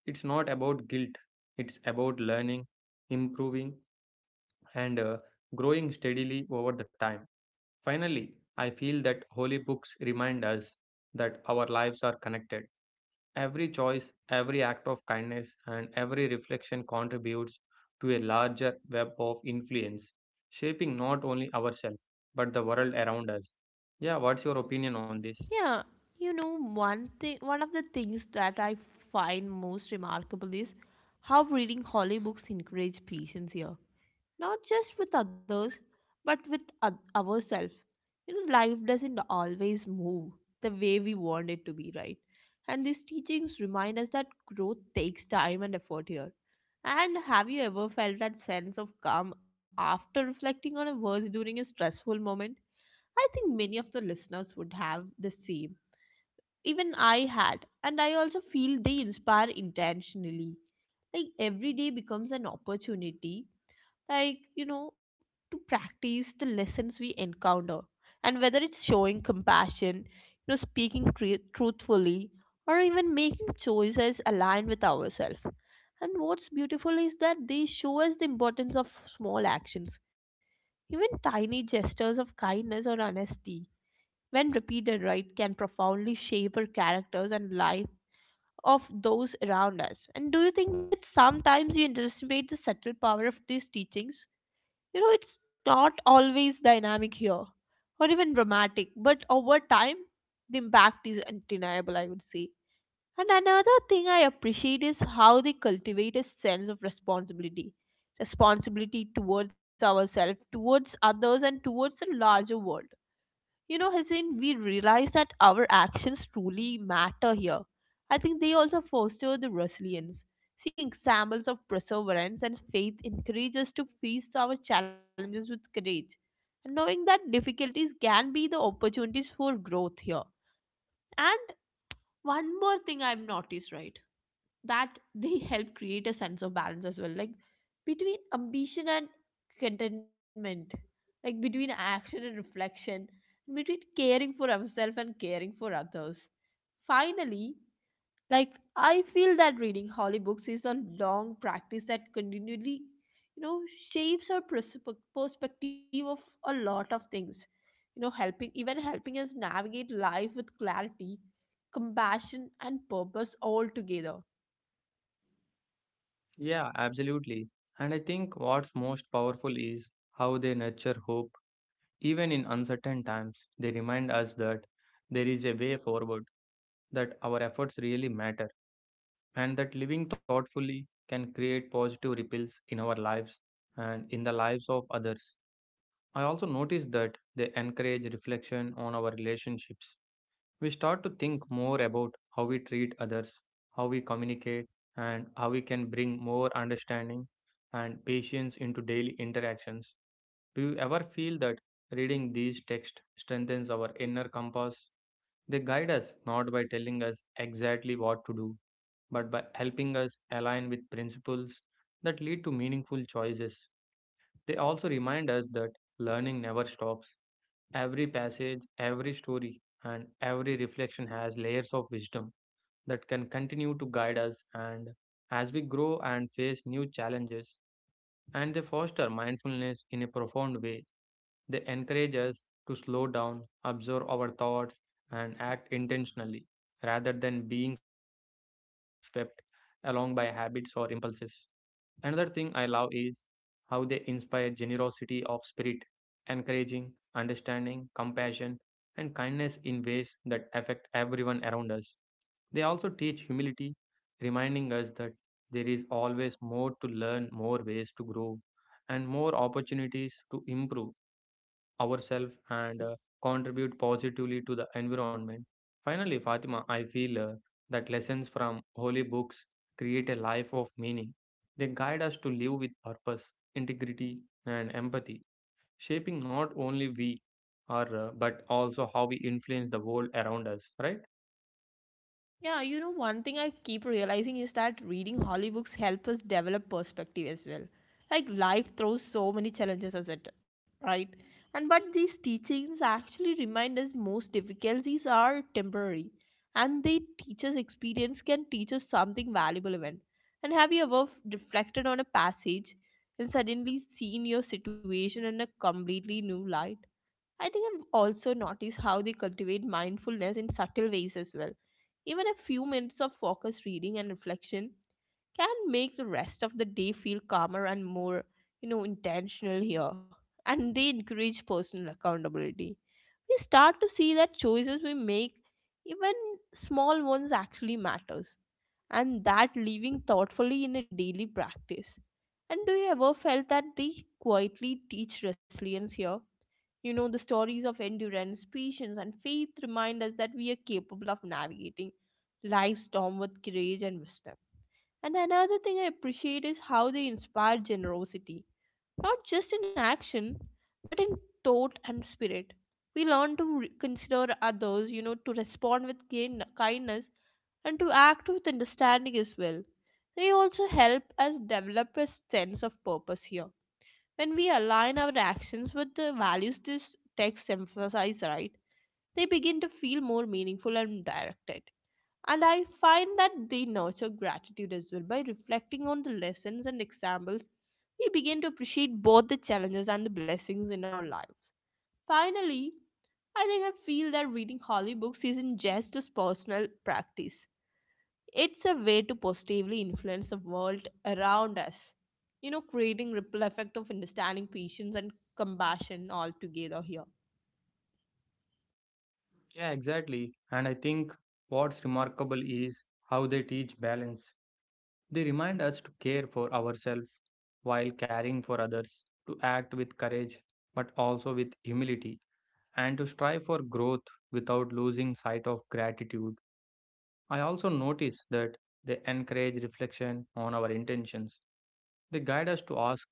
Speaker 2: It's not about guilt, it's about learning, improving, and growing steadily over the time. Finally, I feel that holy books remind us that our lives are connected. Every choice, every act of kindness, and every reflection contributes to a larger web of influence, shaping not only ourselves but the world around us. Yeah, what's your opinion on this?
Speaker 1: Yeah, you know, one thing, one of the things that I find most remarkable is how reading holy books encourage patience here. Not just with others, but with ourselves. You know, life doesn't always move the way we want it to be, right? And these teachings remind us that growth takes time and effort here. And have you ever felt that sense of calm after reflecting on a verse during a stressful moment? I think many of the listeners would have the same. Even I had, and I also feel they inspire intentionally. Like every day becomes an opportunity, like, you know, to practice the lessons we encounter. And whether it's showing compassion, you know, speaking truthfully, or even making choices aligned with ourselves. And what's beautiful is that they show us the importance of small actions, even tiny gestures of kindness or honesty when repeated right can profoundly shape our characters and life of those around us. And do you think that sometimes you underestimate the subtle power of these teachings? You know, it's not always dynamic here or even dramatic, but over time the impact is undeniable, I would say. And another thing I appreciate is how they cultivate a sense of responsibility, responsibility towards ourselves, towards others, and towards the larger world. You know, Hussein, we realize that our actions truly matter here. I think they also foster the resilience. Seeing examples of perseverance and faith encourage us to face our challenges with courage, and knowing that difficulties can be the opportunities for growth here. And one more thing I've noticed, right? That they help create a sense of balance as well, like between ambition and contentment, like between action and reflection, between caring for ourselves and caring for others. Finally, like, I feel that reading holy books is a long practice that continually, you know, shapes our perspective of a lot of things. You know, helping, even helping us navigate life with clarity, compassion, and purpose all together.
Speaker 2: Yeah, absolutely. And I think what's most powerful is how they nurture hope. Even in uncertain times, they remind us that there is a way forward, that our efforts really matter and that living thoughtfully can create positive ripples in our lives and in the lives of others. I also noticed that they encourage reflection on our relationships. We start to think more about how we treat others, how we communicate, and how we can bring more understanding and patience into daily interactions. Do you ever feel that reading these texts strengthens our inner compass? They guide us not by telling us exactly what to do, but by helping us align with principles that lead to meaningful choices. They also remind us that learning never stops. Every passage, every story, and every reflection has layers of wisdom that can continue to guide us, and as we grow and face new challenges, and they foster mindfulness in a profound way. They encourage us to slow down, observe our thoughts, and act intentionally rather than being swept along by habits or impulses. Another thing I love is how they inspire generosity of spirit, encouraging understanding, compassion, and kindness in ways that affect everyone around us. They also teach humility, reminding us that there is always more to learn, more ways to grow, and more opportunities to improve ourselves and contribute positively to the environment. Finally, Fatima, I feel that lessons from holy books create a life of meaning. They guide us to live with purpose, integrity, and empathy, shaping not only we are, but also how we influence the world around us, right?
Speaker 1: Yeah, you know, one thing I keep realizing is that reading Holly books help us develop perspective as well. Like life throws so many challenges at it, right? And but these teachings actually remind us most difficulties are temporary, and the teacher's experience can teach us something valuable even. And have you ever reflected on a passage and suddenly seen your situation in a completely new light? I think I've also noticed how they cultivate mindfulness in subtle ways as well. Even a few minutes of focused reading and reflection can make the rest of the day feel calmer and more, you know, intentional here. And they encourage personal accountability. We start to see that choices we make, even small ones, actually matters, and that living thoughtfully in a daily practice. And do you ever felt that they quietly teach resilience here? You know, the stories of endurance, patience, and faith remind us that we are capable of navigating life's storm with courage and wisdom. And another thing I appreciate is how they inspire generosity, not just in action, but in thought and spirit. We learn to consider others, you know, to respond with kindness and to act with understanding as well. They also help us develop a sense of purpose here. When we align our actions with the values this text emphasizes, right, they begin to feel more meaningful and directed. And I find that they nurture gratitude as well by reflecting on the lessons and examples. We begin to appreciate both the challenges and the blessings in our lives. Finally, I think I feel that reading holy books isn't just a personal practice. It's a way to positively influence the world around us. You know, creating ripple effect of understanding patience and compassion all together here.
Speaker 2: Yeah, exactly. And I think what's remarkable is how they teach balance. They remind us to care for ourselves while caring for others, to act with courage but also with humility, and to strive for growth without losing sight of gratitude. I also notice that they encourage reflection on our intentions. They guide us to ask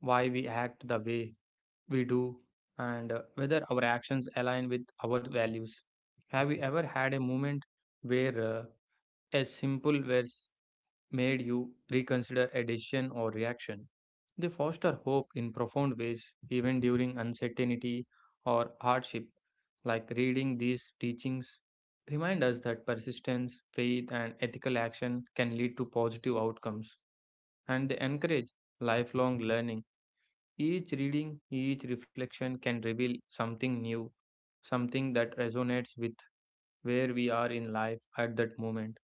Speaker 2: why we act the way we do, and whether our actions align with our values. Have you ever had a moment where a simple verse made you reconsider a decision or reaction? They foster hope in profound ways, even during uncertainty or hardship. Like, reading these teachings remind us that persistence, faith, and ethical action can lead to positive outcomes, and they encourage lifelong learning. Each reading, each reflection can reveal something new, something that resonates with where we are in life at that moment.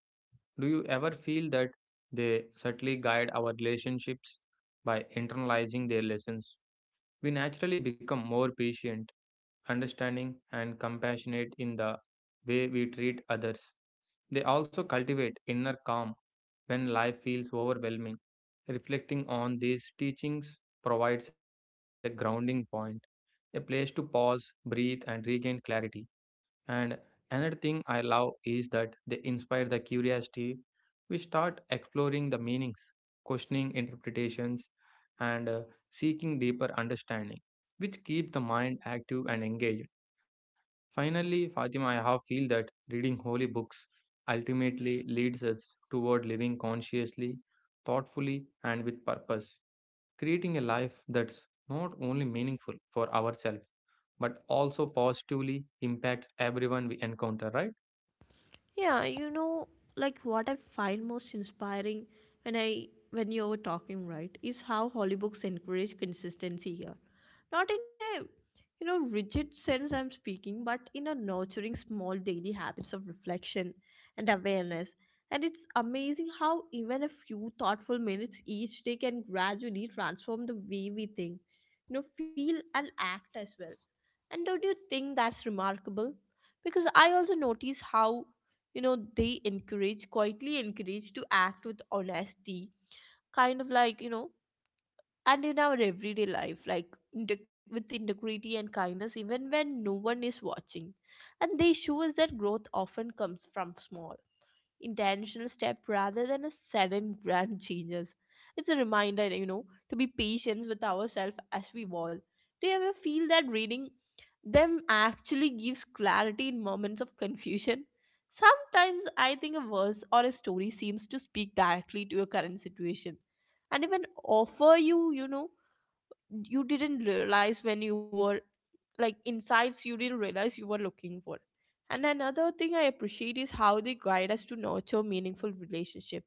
Speaker 2: Do you ever feel that they subtly guide our relationships by internalizing their lessons? We naturally become more patient, understanding, and compassionate in the way we treat others. They also cultivate inner calm when life feels overwhelming. Reflecting on these teachings provides a grounding point, a place to pause, breathe, and regain clarity. And another thing I love is that they inspire the curiosity. We start exploring the meanings, questioning interpretations, and seeking deeper understanding, which keep the mind active and engaged. Finally, Fatima, I have feel that reading holy books ultimately leads us toward living consciously, thoughtfully, and with purpose, creating a life that's not only meaningful for ourselves but also positively impacts everyone we encounter, right?
Speaker 1: Yeah, you know, like what I find most inspiring when I when you were talking right is how holy books encourage consistency here. Not in a, you know, rigid sense I'm speaking, but in a nurturing small daily habits of reflection and awareness. And it's amazing how even a few thoughtful minutes each day can gradually transform the way we think, you know, feel and act as well. And don't you think that's remarkable? Because I also notice how, you know, they encourage quietly encourage to act with honesty, kind of like, you know, and in our everyday life like with integrity and kindness even when no one is watching. And they show us that growth often comes from small intentional step rather than a sudden grand changes. It's a reminder, you know, to be patient with ourselves as we evolve. Do you ever feel that reading them actually gives clarity in moments of confusion? Sometimes I think a verse or a story seems to speak directly to your current situation and even offer you, you know, you didn't realize when you were like insights you didn't realize you were looking for. And another thing I appreciate is how they guide us to nurture meaningful relationship.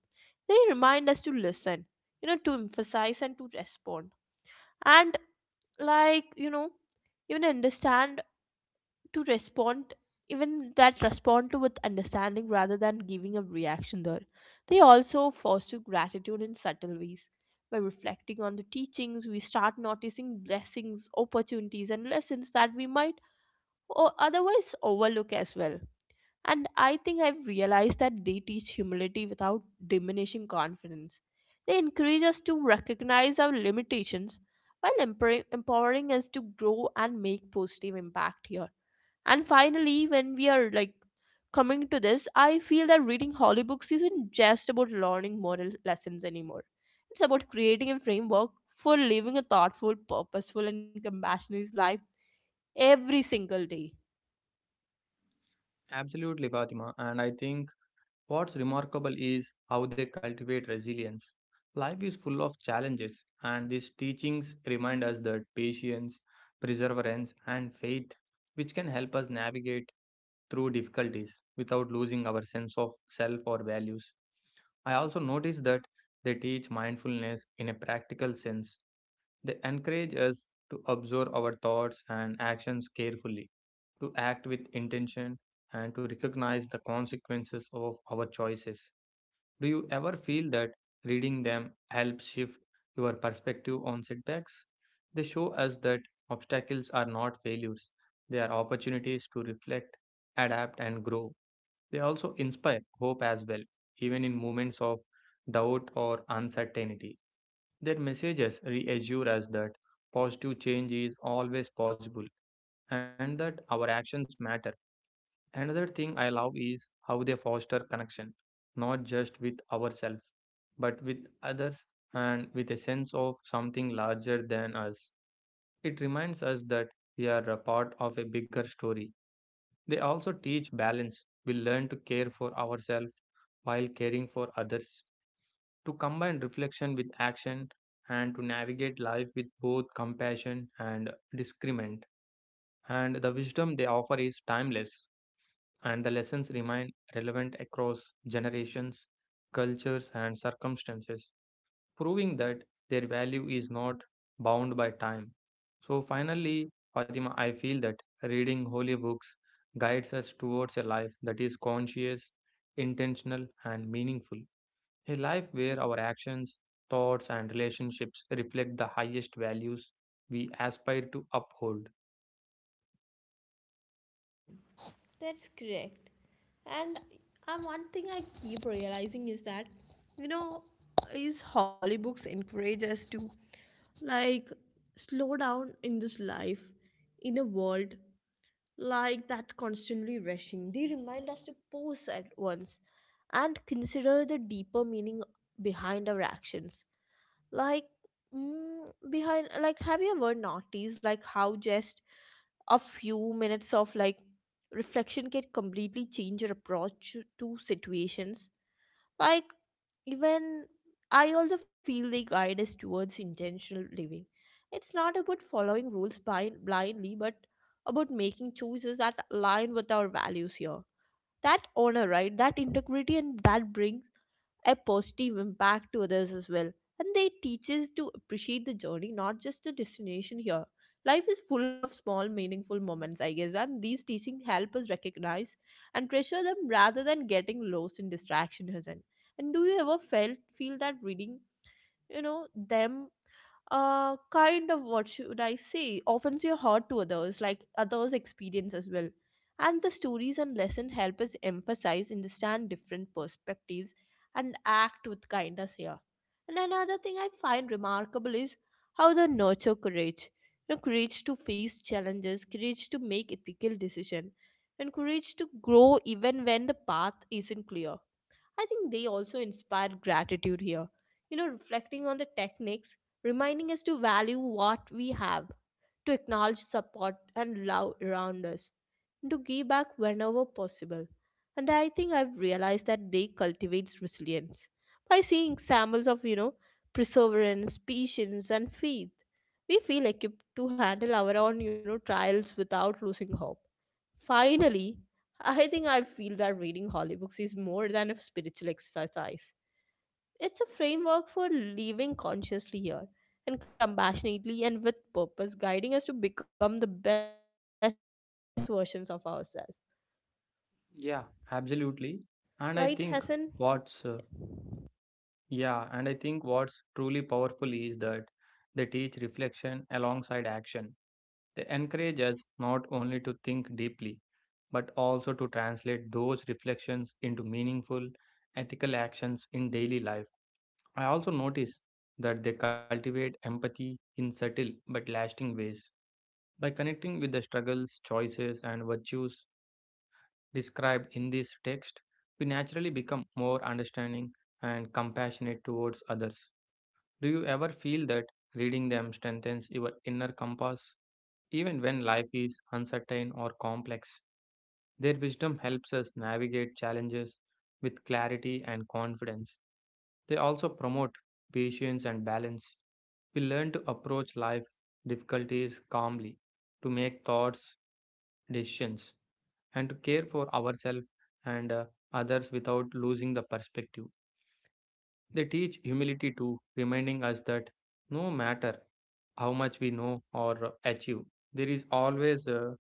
Speaker 1: They remind us to listen, you know, to emphasize and to respond. And like, you know, even understand to respond even that respond to with understanding rather than giving a reaction there. They also foster gratitude in subtle ways. By reflecting on the teachings, we start noticing blessings, opportunities, and lessons that we might or otherwise overlook as well. And I think I've realized that they teach humility without diminishing confidence. They encourage us to recognize our limitations while empowering us to grow and make positive impact here. And finally, when we are like coming to this, I feel that reading holy books isn't just about learning moral lessons anymore. It's about creating a framework for living a thoughtful, purposeful, and compassionate life every single day.
Speaker 2: Absolutely, Fatima, and I think what's remarkable is how they cultivate resilience. Life is full of challenges, and these teachings remind us that patience, perseverance, and faith, which can help us navigate through difficulties without losing our sense of self or values. I also notice that they teach mindfulness in a practical sense. They encourage us to observe our thoughts and actions carefully, to act with intention, and to recognize the consequences of our choices. Do you ever feel that reading them helps shift your perspective on setbacks? They show us that obstacles are not failures, they are opportunities to reflect, adapt, and grow. They also inspire hope as well, even in moments of doubt or uncertainty. Their messages reassure us that positive change is always possible and that our actions matter. Another thing I love is how they foster connection, not just with ourselves, but with others and with a sense of something larger than us. It reminds us that we are a part of a bigger story. They also teach balance. We learn to care for ourselves while caring for others, to combine reflection with action, and to navigate life with both compassion and discernment. And the wisdom they offer is timeless, and the lessons remain relevant across generations, cultures, and circumstances, proving that their value is not bound by time. So, finally, Fatima, I feel that reading holy books guides us towards a life that is conscious, intentional, and meaningful. A life where our actions, thoughts, and relationships reflect the highest values we aspire to uphold.
Speaker 1: That's correct. And one thing I keep realizing is that, you know, is Holly books encourage us to, like, slow down in this life, in a world like that constantly rushing. They remind us to pause at once and consider the deeper meaning behind our actions, like, mm, behind like have you ever noticed like how just a few minutes of like reflection can completely change your approach to situations, like, even. I also feel the guide is towards intentional living. It's not about following rules blindly, but about making choices that align with our values here, that honor right that integrity and that brings a positive impact to others as well. And they teach us to appreciate the journey, not just the destination here. Life is full of small, meaningful moments, I guess, and these teachings help us recognize and treasure them rather than getting lost in distraction, Hassan. And do you ever felt feel that reading, you know, them, kind of what should I say, opens your heart to others, like others experience as well. And the stories and lesson help us emphasize understand different perspectives and act with kindness here. And another thing I find remarkable is how they nurture courage. You know, courage to face challenges, courage to make ethical decision, and courage to grow even when the path isn't clear. I think they also inspire gratitude here. You know, reflecting on the techniques, reminding us to value what we have, to acknowledge support and love around us, and to give back whenever possible. And I think I've realized that they cultivates resilience by seeing examples of, you know, perseverance, patience, and faith. We feel equipped to handle our own, you know, trials without losing hope. Finally, I think I feel that reading holy books is more than a spiritual exercise. It's a framework for living consciously here and compassionately and with purpose, guiding us to become the best versions of ourselves.
Speaker 2: Yeah,
Speaker 1: Right, Hassan?
Speaker 2: absolutely. And I think what's uh, what's truly powerful is that they teach reflection alongside action. They encourage us not only to think deeply, but also to translate those reflections into meaningful, ethical actions in daily life. I also notice that they cultivate empathy in subtle but lasting ways. By connecting with the struggles, choices, and virtues described in this text, we naturally become more understanding and compassionate towards others. Do you ever feel that reading them strengthens your inner compass even when life is uncertain or complex? Their wisdom helps us navigate challenges with clarity and confidence. They also promote patience and balance. We learn to approach life difficulties calmly, to make thoughts, decisions, and to care for ourselves and others without losing the perspective. They teach humility too, reminding us that no matter how much we know or achieve, there is always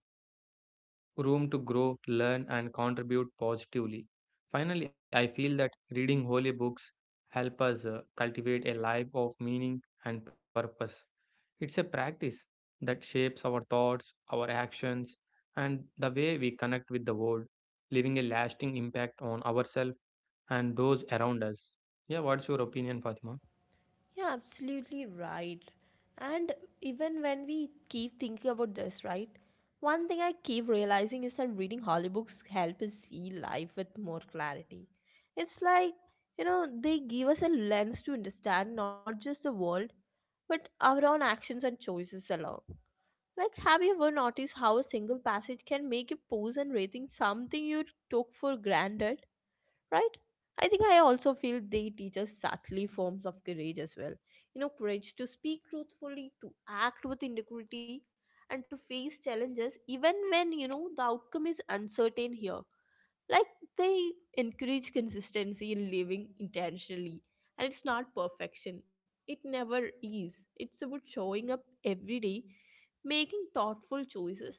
Speaker 2: room to grow, learn, and contribute positively. Finally, I feel that reading holy books help us cultivate a life of meaning and purpose. It's a practice that shapes our thoughts, our actions, and the way we connect with the world, leaving a lasting impact on ourselves and those around us. Yeah, what's your opinion, Fatima?
Speaker 1: Yeah, absolutely right. And even when we keep thinking about this, right? One thing I keep realizing is that reading Holly books help us see life with more clarity. It's like, you know, they give us a lens to understand not just the world, but our own actions and choices alone. Like, have you ever noticed how a single passage can make you pause and rethink something you took for granted, right? I think I also feel they teach us subtly forms of courage as well. You know, courage to speak truthfully, to act with integrity, and to face challenges, even when, you know, the outcome is uncertain here. Like, they encourage consistency in living intentionally, and it's not perfection. It never is. It's about showing up every day, making thoughtful choices,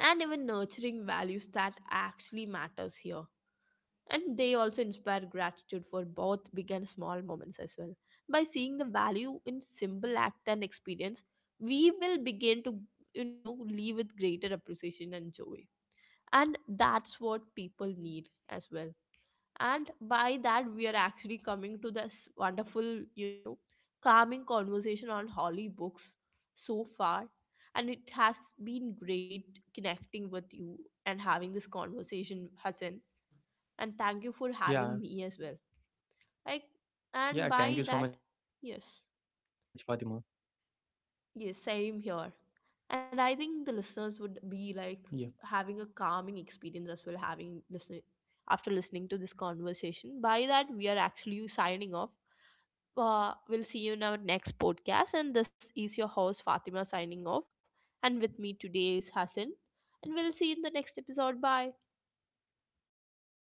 Speaker 1: and even nurturing values that actually matters here. And they also inspire gratitude for both big and small moments as well, by seeing the value in simple act and experience, we will begin to, you know, live with greater appreciation and joy. And that's what people need as well. And by that we are actually coming to this wonderful, you know, calming conversation on holly books so far. And it has been great connecting with you and having this conversation, Hassan. And thank you for having
Speaker 2: Yeah.
Speaker 1: me as well. Like,
Speaker 2: Yeah,
Speaker 1: and
Speaker 2: thank you
Speaker 1: by
Speaker 2: so
Speaker 1: that,
Speaker 2: much, Fatima.
Speaker 1: yes, yes, same here. And I think the listeners would
Speaker 2: Yeah,
Speaker 1: be like having a calming experience as well, having listening after listening to this conversation. By that, we are actually signing off. We'll see you in our next podcast. And this is your host Fatima signing off, and with me today is Hassan. And we'll see you in the next episode. Bye.
Speaker 2: bye bye.